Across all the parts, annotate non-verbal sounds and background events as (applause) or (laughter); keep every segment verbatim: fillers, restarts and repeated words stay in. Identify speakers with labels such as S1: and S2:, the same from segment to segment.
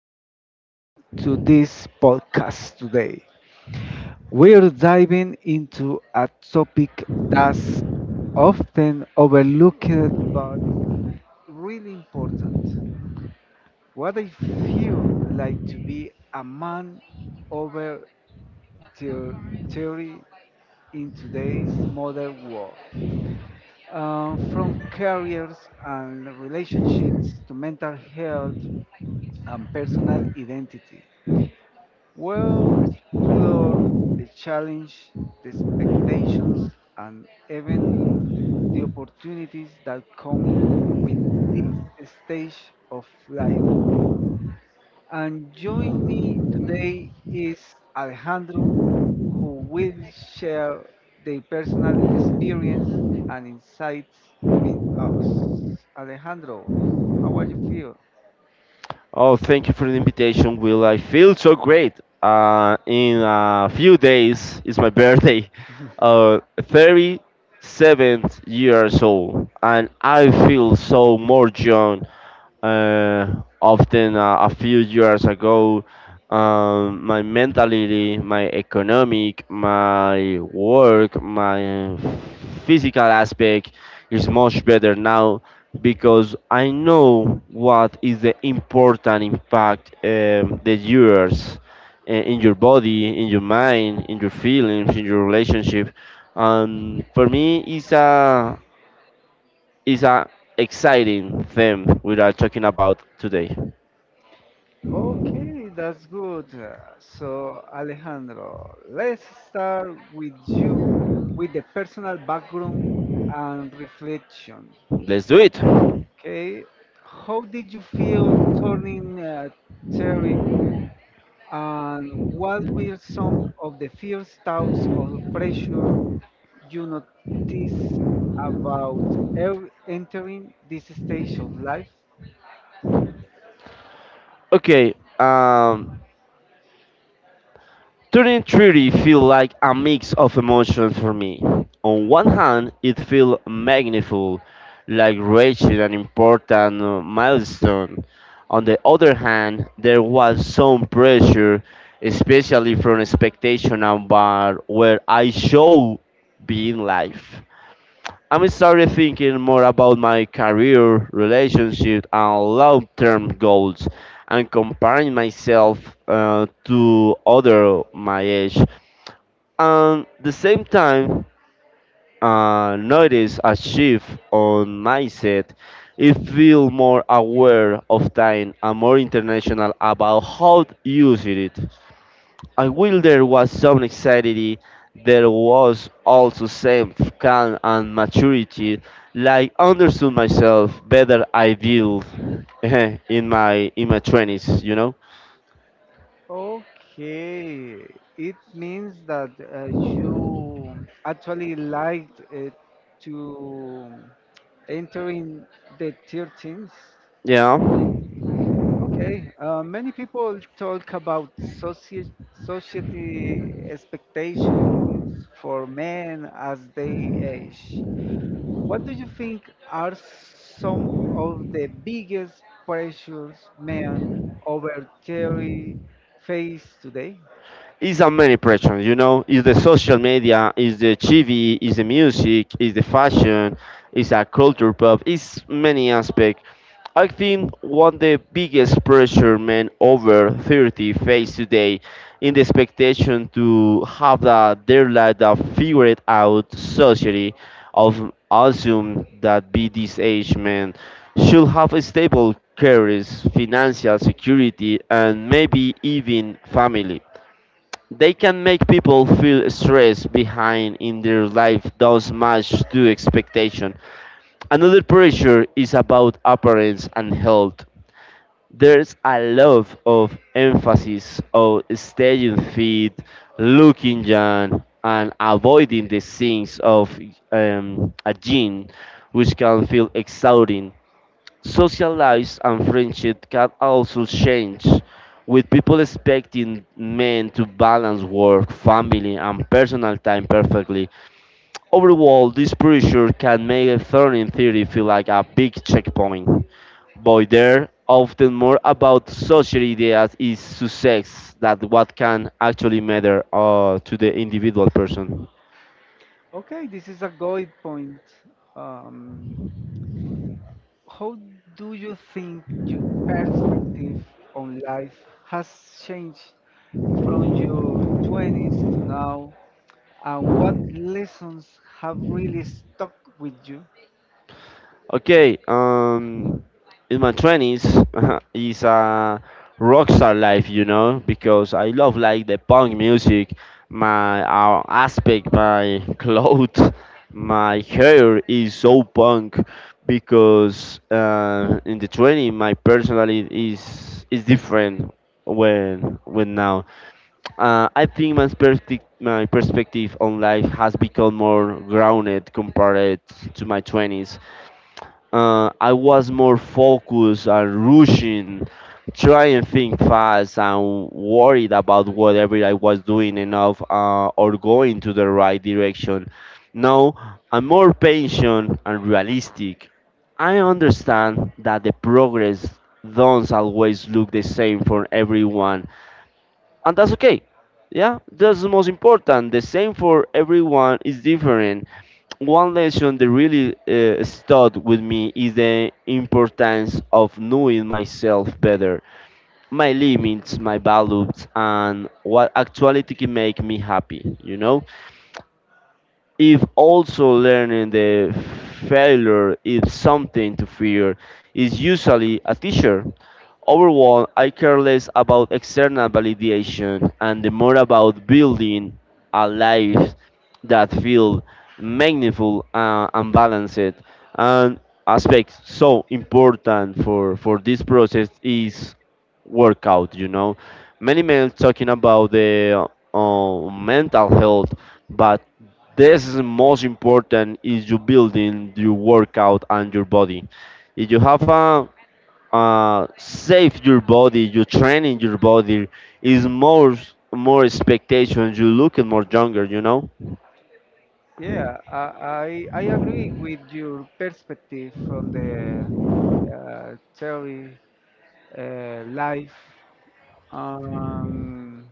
S1: welcome to this podcast today. We're diving into a topic that's often overlooked but really important. What I feel like to be a man over theor- theory in today's modern world. Uh, from careers and relationships to mental health and personal identity. We'll explore the challenge, the expectations, and even the opportunities that come with this stage of life. And join me today is Alejandro, who will share their personal experience and insights with us. Alejandro, how are you feel?
S2: Oh, thank you for the invitation, Will. I feel so great. Uh, in a few days is my birthday. Uh, thirty-seven years old, and I feel so more young. Uh, often uh, a few years ago, um, my mentality, my economic, my work, my physical aspect is much better now because I know what is the important impact um, that yours uh, in your body, in your mind, in your feelings, in your relationship. And for me, it's a it's a exciting thing we are talking about today.
S1: Okay, that's good. Uh, So, Alejandro, let's start with you with the personal background and reflection.
S2: Let's do it.
S1: Okay, how did you feel turning uh, theory, and what were some of the first thoughts or pressure you noticed about ev- entering this stage of life?
S2: Okay. Um, Turning thirty feel like a mix of emotions for me. On one hand, it feels magnificent, like reaching an important uh, milestone. On the other hand, there was some pressure, especially from expectation about where I should be in life. I'm started thinking more about my career, relationship, and long term goals, and comparing myself uh, to other my age. And the same time, uh, notice a shift on mindset. It feel more aware of time and more international about how to use it. And while there was some anxiety, there was also some calm and maturity, like understood myself better I did (laughs) in my in my twenties, you know?
S1: Okay, it means that uh, you actually liked uh, to enter in the thirteenth.
S2: Yeah.
S1: Okay, uh, many people talk about socie society expectations for men as they age. What do you think are some of the biggest pressures men over thirty face today?
S2: It's a many pressure, you know. It's the social media, it's the T V, it's the music, it's the fashion, it's a culture pop. It's many aspects. I think one the biggest pressure men over thirty face today in the expectation to have that their life that figured out society of assume that be this age men should have a stable careers, financial security and maybe even family. They can make people feel stressed behind in their life does match to expectation. Another pressure is about appearance and health. There's a lot of emphasis on staying fit, looking young, and avoiding the things of um, a gene, which can feel exhausting. Social lives and friendship can also change, with people expecting men to balance work, family, and personal time perfectly. Overall, this pressure can make a learning theory feel like a big checkpoint, but they're often more about social ideas is success that what can actually matter uh, to the individual person.
S1: Okay, this is a good point. Um, how do you think your perspective on life has changed from your twenties to now, and what lessons have really stuck with you?
S2: Okay, um, in my twenties (laughs) is a rock star life, you know, because I love like the punk music, my uh, aspect, my (laughs) clothes, my hair is so punk because uh, in the twenty my personality is is different when when now. Uh, I think my perspective my perspective on life has become more grounded compared to my twenties, uh, I was more focused on rushing, trying to think fast, and worried about whatever I was doing enough uh, or going to the right direction. Now I'm more patient and realistic. I understand that the progress don't always look the same for everyone, and that's okay. Yeah, that's the most important. The same for everyone is different. One lesson that really uh, stuck with me is the importance of knowing myself better, my limits, my values, and what actually can make me happy. You know, if also learning the failure is something to fear is usually a teacher. Overall, I care less about external validation and the more about building a life that feels meaningful uh, and balanced. And aspect so important for for this process is workout. You know, many men talking about the uh, mental health, but this is most important is you building your workout and your body. If you have a uh, save your body, you training your body is more more expectations. You look at more younger, you know.
S1: Yeah, I, I, I agree with your perspective from the uh, theory uh, life. Um,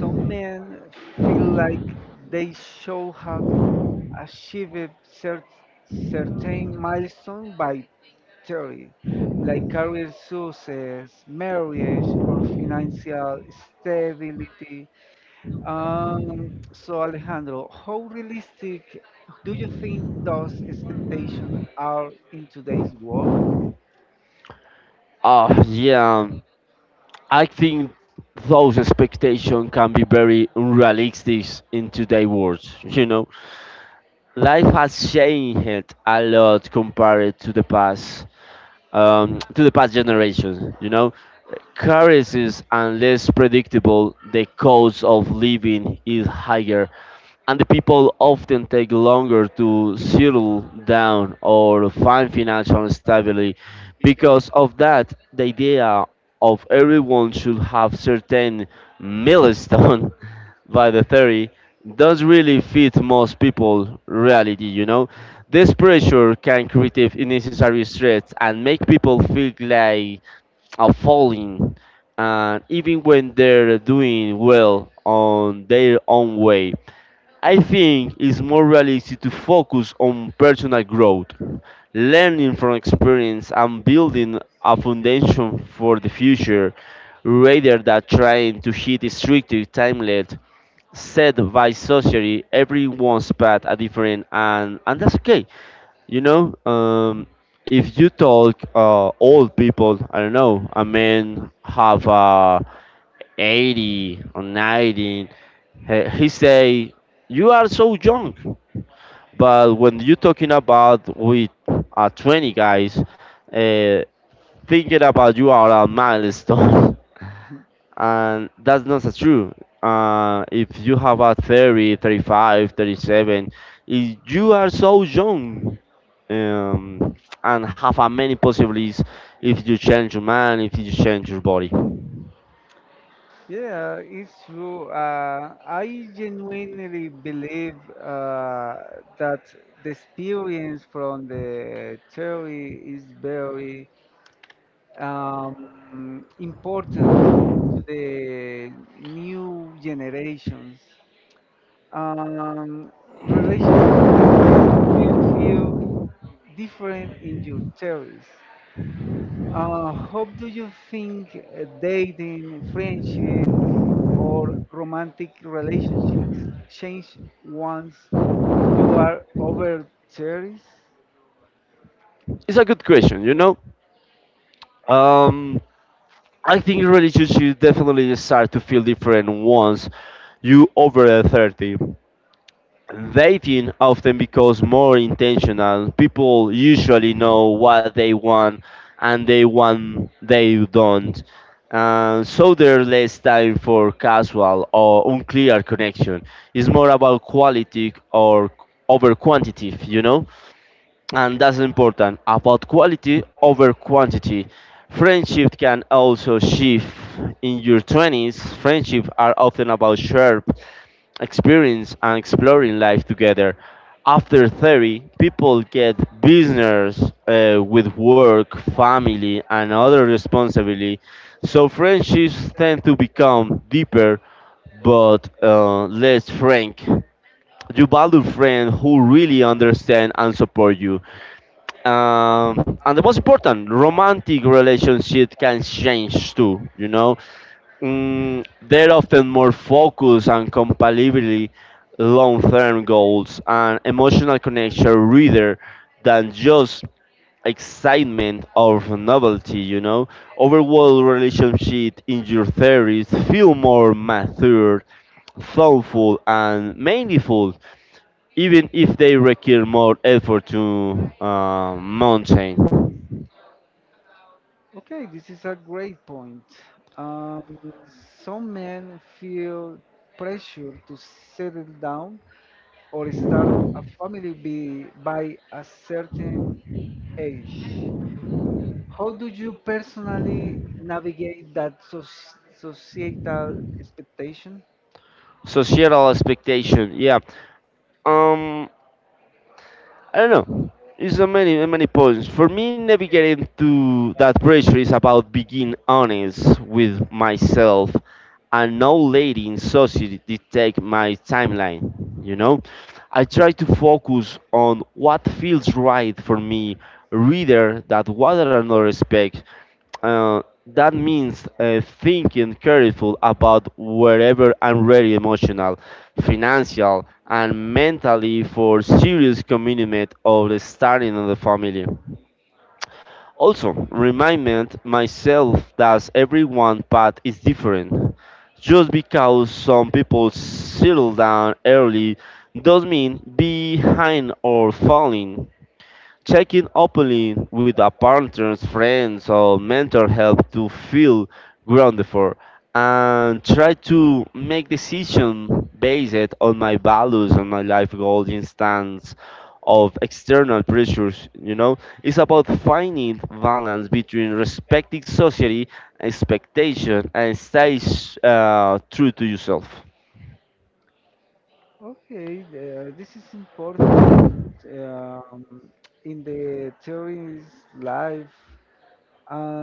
S1: Some men feel like they should have achieved cer- certain milestone by thirty, like career success, marriage, or financial stability. Um, so, Alejandro, how realistic do you think those expectations are in today's world?
S2: Uh, yeah, I think those expectations can be very unrealistic in today's world. You know, life has changed a lot compared to the past. um, to the past generations. You know, currencies and less predictable, the cost of living is higher, and the people often take longer to settle down or find financial stability. Because of that, the idea of everyone should have certain milestone (laughs) by the theory does really fit most people reality, you know. This pressure can create unnecessary stress and make people feel like are falling, and even when they're doing well on their own way. I think it's more realistic to focus on personal growth, learning from experience, and building a foundation for the future rather than trying to hit a strict timeline set by society. Everyone's path are different, and, and that's okay. You know, um, if you talk uh, old people, I don't know, a man have uh, eighty or ninety, he, he say, you are so young. But when you talking about with uh, twenty guys, uh, thinking about you are a milestone. (laughs)
S1: (laughs)
S2: And that's not as true. Uh, if you have a thirty, thirty-five, thirty-seven, if you are so young um, and have a many possibilities if you change your mind, if you change your body.
S1: Yeah, it's true. Uh, I genuinely believe uh, that the experience from the theory is very um, important to the new generations. Um, relationships can feel different in your theories. Uh, how do you think uh, dating, friendships, or romantic relationships change once you are over thirty?
S2: It's a good question, you know? Um, I think really you should definitely start to feel different once you over thirty. Dating often becomes more intentional. People usually know what they want and they want they don't. Uh, so there's less time for casual or unclear connection. It's more about quality or over quantity, you know? And that's important about quality over quantity. Friendship can also shift. In your twenties friendships are often about shared experience and exploring life together. After thirty people get business uh, with work family and other responsibility, so friendships tend to become deeper, but uh, less frank. You value friends who really understand and support you, um, and the most important romantic relationship can change too, you know. Mm, they're often more focused on compatibility, long-term goals and emotional connection rather than just excitement or novelty, you know. Overall relationship in your theories feel more mature, thoughtful and meaningful, even if they require more effort to uh, maintain.
S1: Okay, this is a great point. Um, some men feel pressure to settle down or start a family be, by a certain age. How do you personally navigate that soc- societal expectation?
S2: Societal expectation, yeah. Um, I don't know. It's a many a many points. For me, navigating to that pressure is about being honest with myself and not letting society dictate my timeline. You know, I try to focus on what feels right for me, rather than what another expects. Uh, that means uh, thinking careful about wherever I'm really emotional, financial, and mentally for serious commitment of starting on the family. Also, remind myself that everyone path is different. Just because some people settle down early does mean behind or falling. Checking openly with a partner's friends or mentor help to feel grounded for, and try to make decision based on my values and my life goals instead of external pressures, you know. It's about finding balance between respecting society expectation and stay uh, true to yourself.
S1: Okay, uh, this is important um, in the theories life. Uh,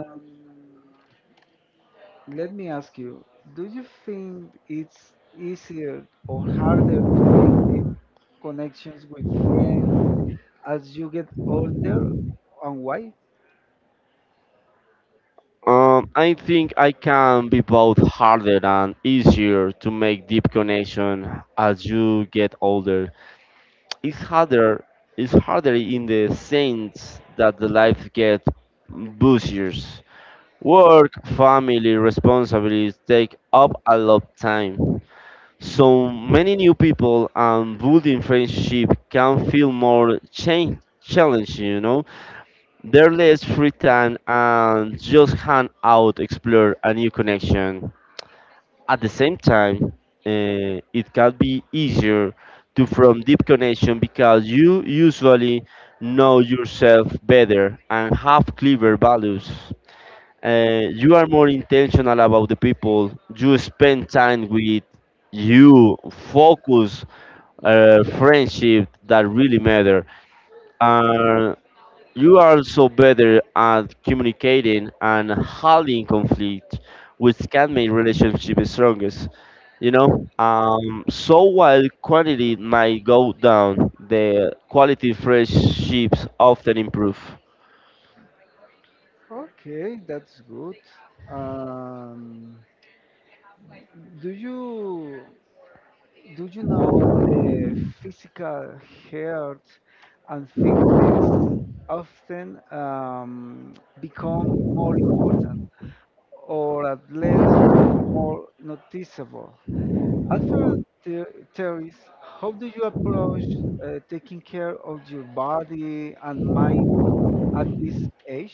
S1: let me ask you: Do you think it's easier or harder to make deep connections with friends as you get older, and why?
S2: Um, I think I can be both harder and easier to make deep connection as you get older. It's harder. It's harder in the sense that the life gets busier. Work, family, responsibilities take up a lot of time. So many new people and building friendship can feel more change challenging, you know. Their less free time and just hang out, explore a new connection. At the same time, eh, it can be easier to form deep connection because you usually know yourself better and have clearer values. Eh, you are more intentional about the people you spend time with. You focus uh, friendship that really matter. Uh, you are also better at communicating and handling conflict, which can make relationships strongest. You know, um, so while quantity might go down, the quality friendships often improve.
S1: Okay, that's good. Um, Do you do you know the physical health and fitness often um, become more important or at least more noticeable? After the theories, how do you approach uh, taking care of your body and mind at this age?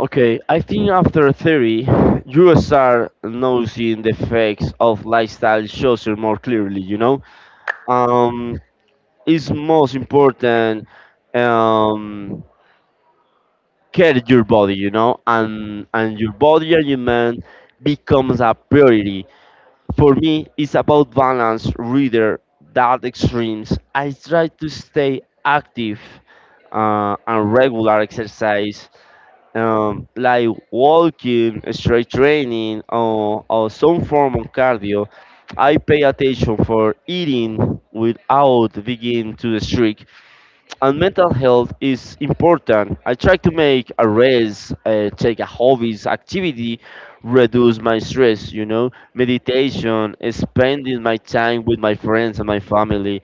S2: Okay, I think after thirty, you start noticing the effects of lifestyle choices more clearly, you know? Um, it's most important, um, care your body, you know, and and your body and your mind becomes a priority. For me it's about balance rather than extremes. I try to stay active uh, and regular exercise, um, like walking strength training or, or some form of cardio. I pay attention for eating without being too strict, and mental health is important. I try to make a rest, uh, take a hobbies activity, reduce my stress. You know, meditation, spending my time with my friends and my family.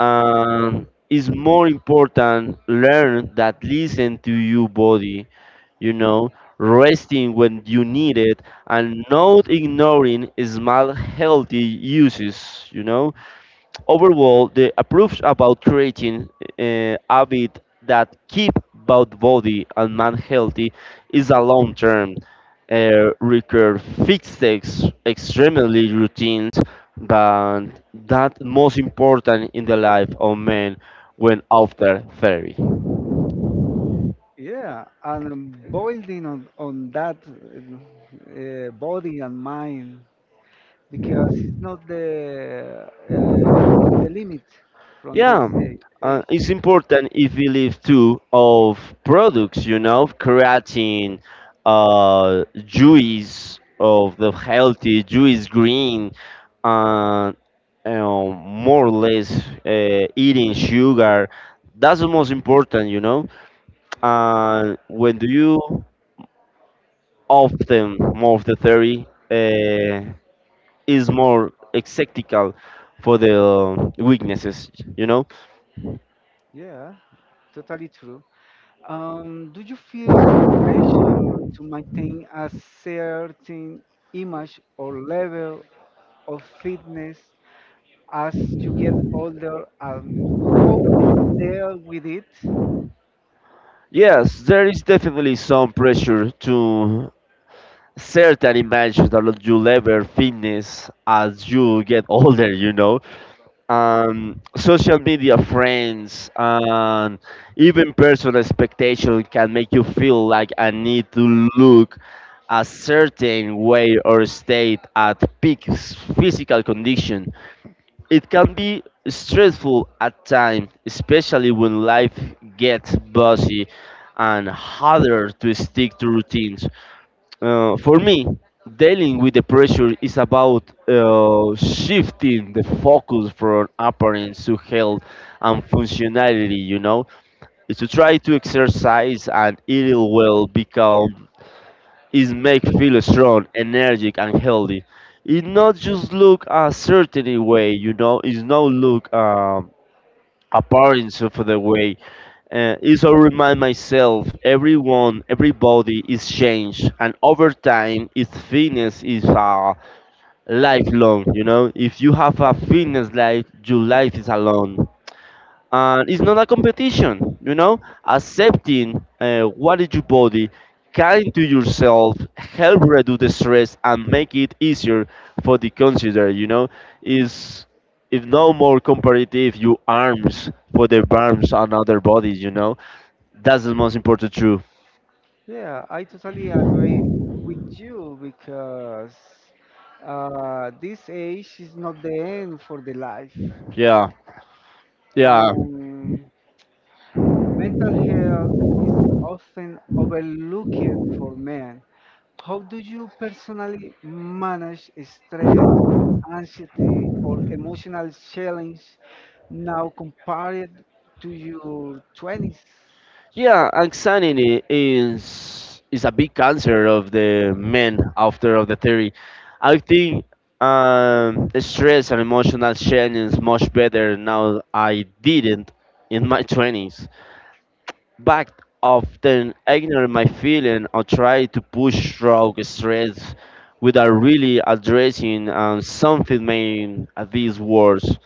S2: And it's more important learn that listen to your body. You know, resting when you need it and not ignoring small healthy uses. You know, overall, the approves about creating uh, habit that keep both body and mind healthy is a long-term, uh, require fixed ex- extremely routines, but that most important in the life of men when after thirty.
S1: Yeah, and um, building on, on that uh, uh, body and mind, because it's not the uh, the limit from this
S2: Yeah,
S1: day
S2: uh,
S1: age.
S2: it's important if we leave too of products, you know, creatine, uh, juice of the healthy juice green, and you know, more or less uh, eating sugar. That's the most important, you know. And when do you often more of the theory uh, is more exceptical for the weaknesses, you know.
S1: Yeah, totally true. Um, do you feel pressure to maintain a certain image or level of fitness as you get older? And how do you deal with it?
S2: Yes, there is definitely some pressure to certain dimensions that you level fitness as you get (laughs) older, you know. Um, social media friends and even personal expectation can make you feel like I need to look a certain way or state at peak s- physical condition. It can be stressful at times, especially when life gets busy and harder to stick to routines. Uh, for me, dealing with the pressure is about uh, shifting the focus from appearance to health and functionality, you know. It's to try to exercise and eat well become is make feel strong, energetic, and healthy. It not just look a certain way, you know. It's not look um, appearance of the way. Uh, it's a remind myself, everyone, everybody is changed, and over time, its fitness is a lifelong. You know, if you have a fitness life, your life is alone and it's not a competition, you know, accepting uh, what is your body, kind to yourself help reduce the stress and make it easier for the consider, you know, is if no more comparative you arms for the arms and other bodies, you know, that's the most important truth.
S1: Yeah, I totally agree with you because uh, this age is not the end for the life.
S2: Yeah. Yeah.
S1: Um, mental health is often overlooked for men. How do you personally manage stress, anxiety, or emotional challenge now compared to your twenties?
S2: Yeah, anxiety is is a big cancer of the men after of the theory. I think um, stress and emotional change much better now. I didn't in my twenties. Back often ignore my feeling or try to push through stress without really addressing um, something made at these words.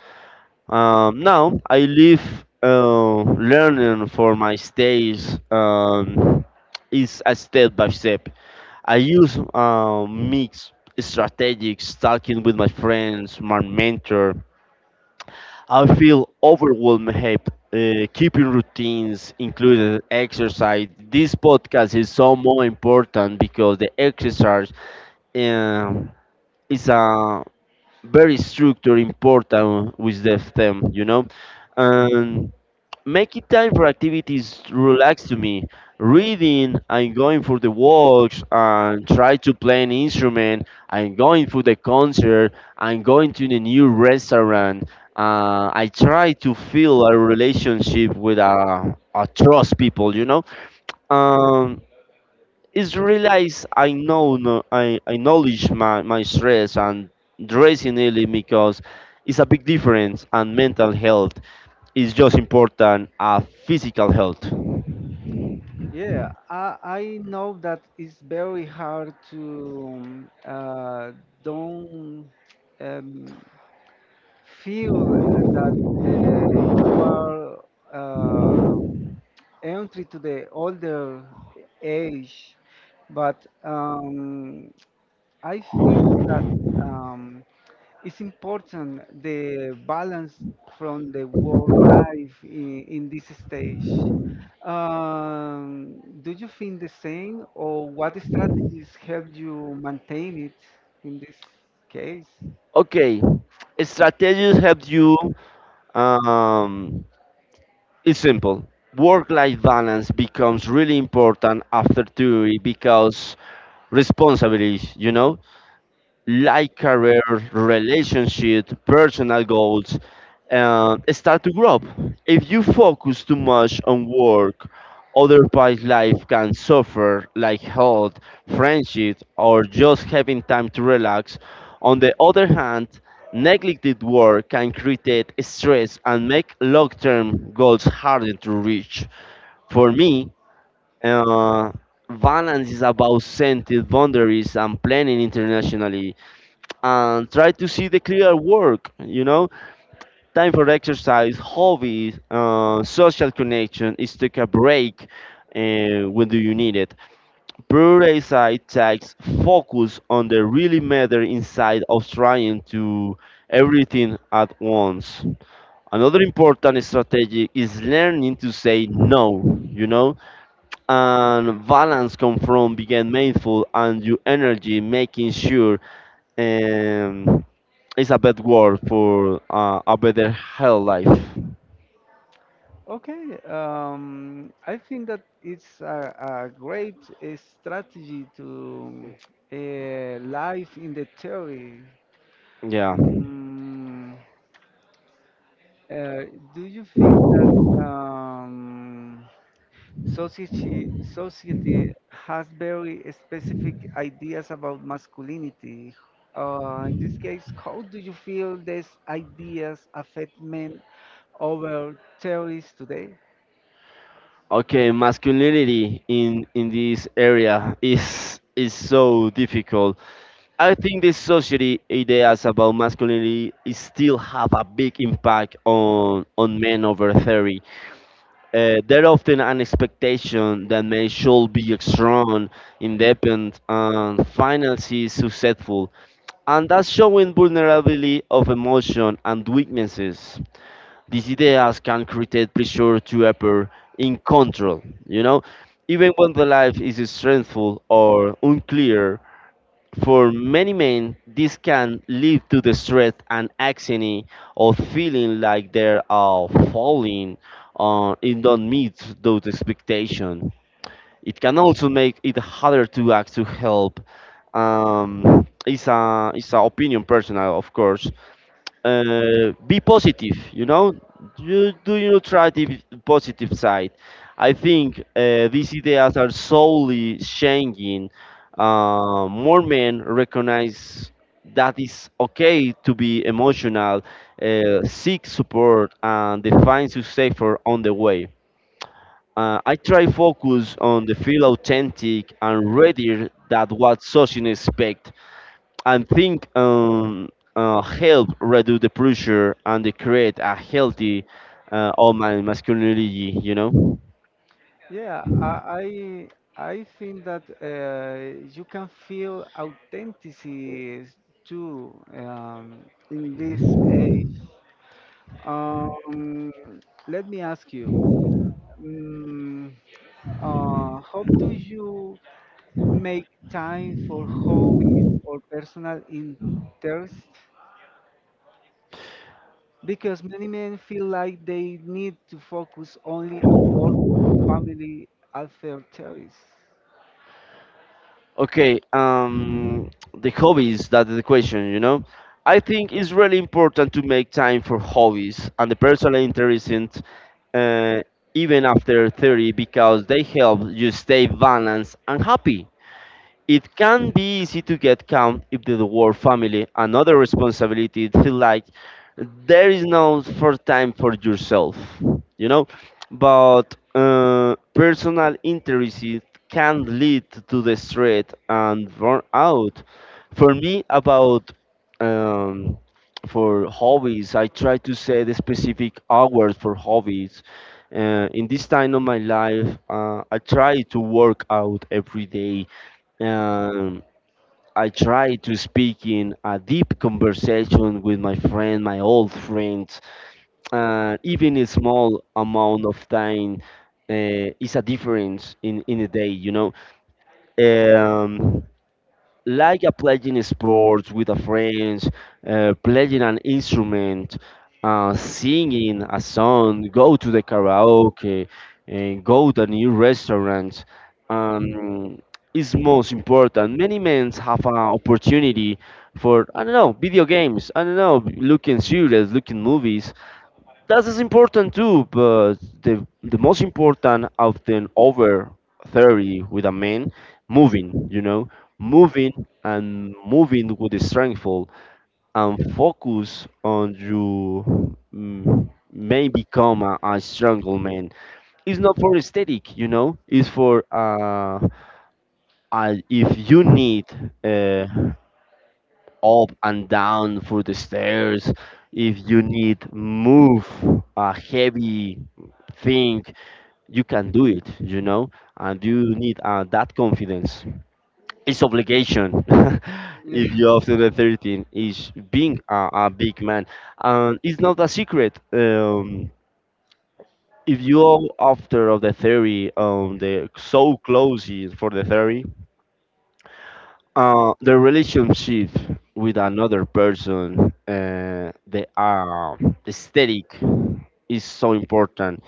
S2: Um, now I live uh, learning for my stays, um, is a step by step. I use uh, mixed strategies talking with my friends, my mentor. I feel overwhelmed. Help. Uh, keeping routines including exercise. This podcast is so more important because the exercise um is a very structure important with the them, you know. And making time for activities relax to me. Reading, I'm going for the walks and try to play an instrument. I'm going for the concert. I'm going to the new restaurant. Uh, I try to feel a relationship with a, a trust people, you know. Um, it's realize I know no, I, I acknowledge my, my stress and dressing early because it's a big difference and mental health. It's just important as physical health.
S1: Yeah, I, I know that it's very hard to um, uh, don't um, feel uh, that uh, you are uh, entry to the older age, but um, I think that um, it's important the balance from the world life in, in this stage. Um, do you think the same, or what strategies help you maintain it in this case?
S2: Okay, strategies help you. Um, it's simple. Work-life balance becomes really important after theory because responsibilities. You know, like career, relationship, personal goals, uh, start to grow up. If you focus too much on work, otherwise life can suffer, like health, friendship, or just having time to relax. On the other hand, neglected work can create stress and make long-term goals harder to reach. For me, uh, balance is about setting boundaries and planning internationally and try to see the clear work, you know, time for exercise hobbies, uh, social connection is take a break uh, when do you need it, prioritize tasks, focus on the really matter inside of trying to everything at once. Another important strategy is learning to say no, you know, and balance come from being mindful and your energy making sure, and it's a bad word for uh, a better health life.
S1: Okay, um, I think that it's a, a great uh, strategy to uh, life in the theory.
S2: Yeah.
S1: Mm, Uh, do you think that um, society society has very specific ideas about masculinity? Uh, in this case, how do you feel these ideas affect men over theories today?
S2: Okay, masculinity in in this area is is so difficult. I think the society ideas about masculinity is still have a big impact on on men over thirty. Uh, there often an expectation that men should be strong, independent, and financially successful. And thus showing vulnerability of emotion and weaknesses. These ideas can create pressure to appear in control, you know, even when the life is stressful or unclear. For many men, this can lead to the stress and anxiety of feeling like they are falling uh, in don't meet those expectations. It can also make it harder to act to help. Um, it's a it's a opinion personal, of course. Uh, be positive, you know. You do you try the positive side. I think uh, these ideas are slowly changing. Uh, more men recognize that it's okay to be emotional, uh, seek support, and define success for on the way. Uh, I try focus on the feel authentic and rather that what society expect, and think um, uh, help reduce the pressure and they create a healthy uh, of my masculinity. You know.
S1: Yeah, I I, I think that uh, you can feel authenticity too um, in this age. Um, let me ask you. Mm, uh, how do you make time for hobbies or personal interests? Because many men feel like they need to focus only on work or family affairs. (laughs)
S2: Okay. Um, the hobbies. That's the question. You know. I think it's really important to make time for hobbies and the personal interest in uh, even after thirty because they help you stay balanced and happy. It can be easy to get caught if the work, family, and other responsibilities feel like there is no for time for yourself, you know. But uh, personal interests can lead to the stress and burnout. For me, about um, for hobbies, I try to set a specific hours for hobbies. Uh, in this time of my life, uh, I try to work out every day. um, I try to speak in a deep conversation with my friend, my old friend. Uh, even a small amount of time uh, is a difference in, in a day, you know. Um, like a playing sports with a friends, uh, playing an instrument, uh, singing a song, go to the karaoke, and go to a new restaurant. Um, is most important. Many men have an opportunity for I don't know video games. I don't know looking series, looking movies, that is important too, but the the most important often over thirty with a man moving, you know, moving and moving with the strengthful and focus on you mm, may become a, a strong man. It's not for aesthetic, you know. It's for uh, uh if you need uh, up and down through the stairs. If you need move a heavy thing, you can do it, you know, and you need uh, that confidence. It's obligation (laughs)
S1: Yeah,
S2: if you're after the thirteen is being a, a big man, and it's not a secret. Um, if you're after of the theory, um, the so close is for the theory, uh, the relationship with another person, uh, the uh, the aesthetic is so important.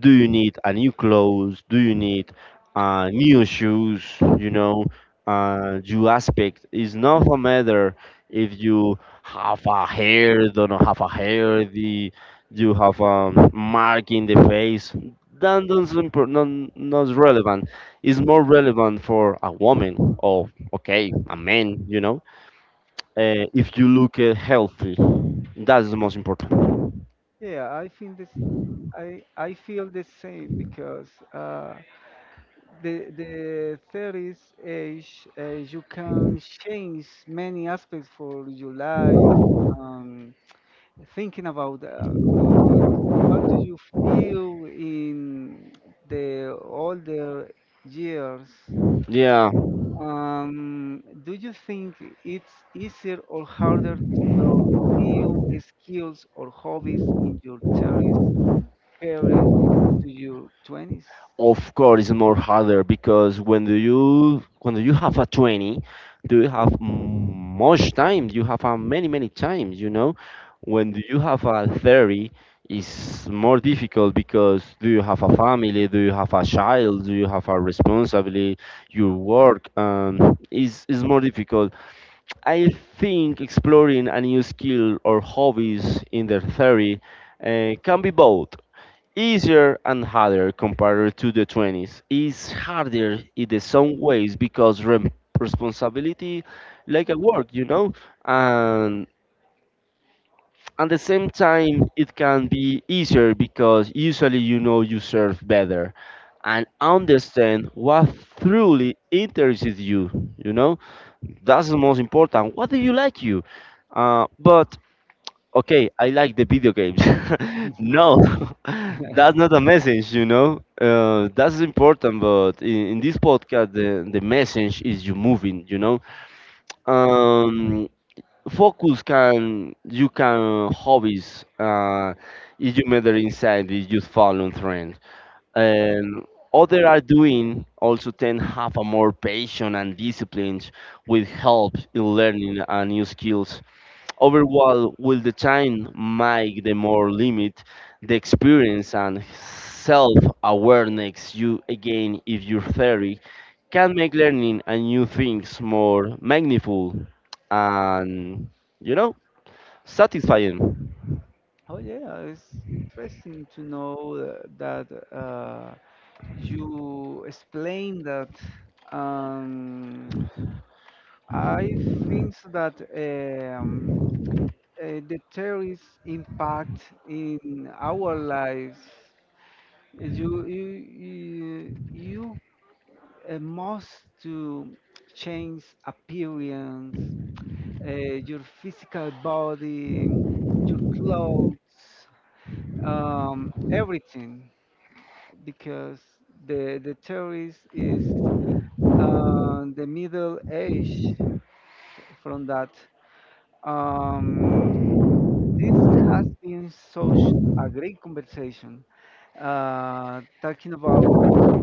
S2: Do you need a new clothes? Do you need uh, new shoes? You know, uh, you aspect is not a matter if you have a hair, don't have a hair, the you have a mark in the face. That doesn't pro- non- Not relevant. It's more relevant for a woman or okay, a man. You know, uh, if you look uh, healthy, that's the most important.
S1: yeah, I think this. I, I feel the same because uh, the the thirties age uh, you can change many aspects for your life. Um, thinking about uh, uh, what do you feel in the older years,
S2: Yeah.
S1: um, do you think it's easier or harder to explore new skills or hobbies in your thirties compared to your twenties?
S2: Of course, it's more harder because when do you when do you have a twenty, do you have m- much time? You have a many many times, you know. When do you have a thirty, it's more difficult because do you have a family? Do you have a child? Do you have a responsibility? Your work um, is is more difficult. I think exploring a new skill or hobbies in their thirty uh, can be both easier and harder compared to the twenties. It's harder in the some ways because rem- responsibility like a work, you know, and at the same time it can be easier because usually you know you serve better and understand what truly interests you, you know, that's the most important what do you like you uh, but okay, I like the video games. (laughs)
S1: (laughs)
S2: No, (laughs) that's not a message, you know. Uh, that's important, but in, in this podcast, the, the message is you moving, you know. Um, focus can you can hobbies uh, if you matter inside if you follow trends and other are doing also tend have a more patient and disciplined with help in learning a new skills. Overall, will the time make the more limit the experience and self-awareness you gain if your theory can make learning and new things more meaningful and, you know, satisfying?
S1: Oh yeah, it's interesting to know uh, that uh, you explained that. um, I think that um, uh, the terrorist impact in our lives, you you you, you uh, must to change appearance, uh, your physical body, your clothes, um, everything, because the the terrorist is uh, the middle age from that. Um, This has been such a great conversation, uh, talking about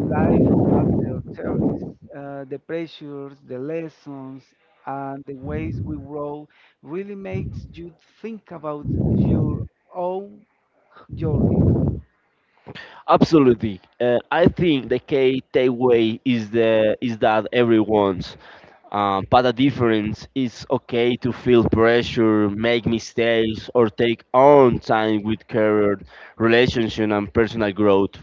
S1: life after terrorists, uh, the pressures, the lessons, and the ways we grow really makes you think about your own journey.
S2: Absolutely. Uh, I think the key takeaway is the is that everyone's, uh, but the difference is okay to feel pressure, make mistakes, or take on time with career, relationship, and personal growth.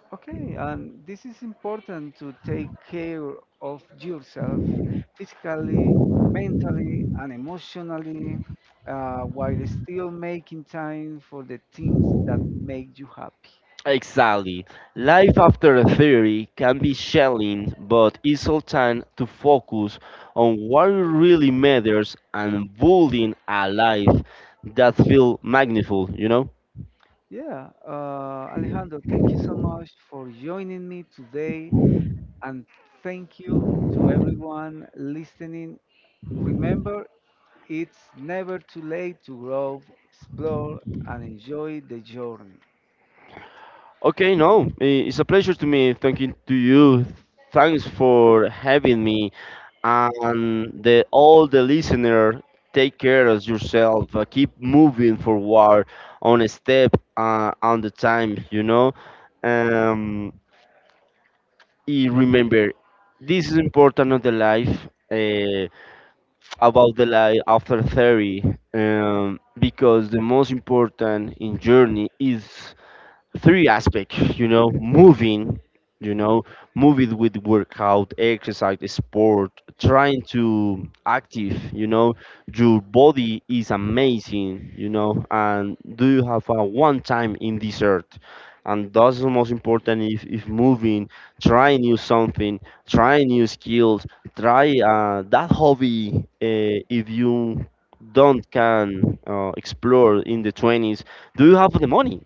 S1: Okay, and this is important to take care of yourself physically, mentally, and emotionally uh, while still making time for the things that make you happy.
S2: Exactly. Life after theory can be challenging, but it's all time to focus on what really matters and building a life that feels magnificent. You know.
S1: Yeah, uh, Alejandro, thank you so much for joining me today, and thank you to everyone listening. Remember, it's never too late to grow, explore, and enjoy the journey.
S2: Okay, no, i- it's a pleasure to me talking to you. Thanks for having me, and the all the listener. Take care of yourself. Uh, keep moving forward on a step uh, on the time. You know, um, i- remember this is important of the life uh, about the life after thirty, um, because the most important in journey is three aspect, you know, moving, you know, moving with workout exercise sport, trying to active, you know, your body is amazing, you know, and do you have a one time in this earth, and that's the most important if, if moving, try new something, try new skills, try uh, that hobby uh, if you don't can uh, explore in the twenties, do you have the money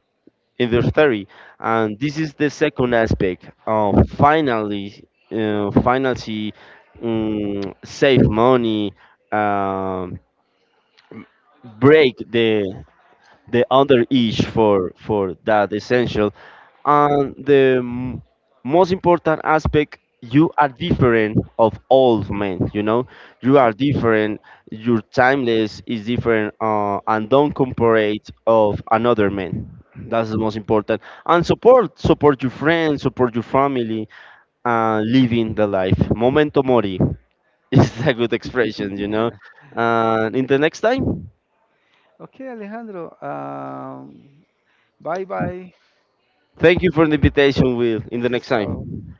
S2: in their theory, and this is the second aspect of finally uh, finally um, save money, um, break the the other each for for that essential, and the m- most important aspect, you are different of all men, you know, you are different, your timeless is different, uh, and don't compare it of another man, that's the most important, and support support your friends, support your family, and living the life momento mori is (laughs) a good expression, you
S1: (laughs)
S2: know, and in the next time.
S1: Okay, Alejandro, ah, bye bye.
S2: Thank you for the invitation will
S1: This
S2: in the
S1: is
S2: next
S1: uh,
S2: time.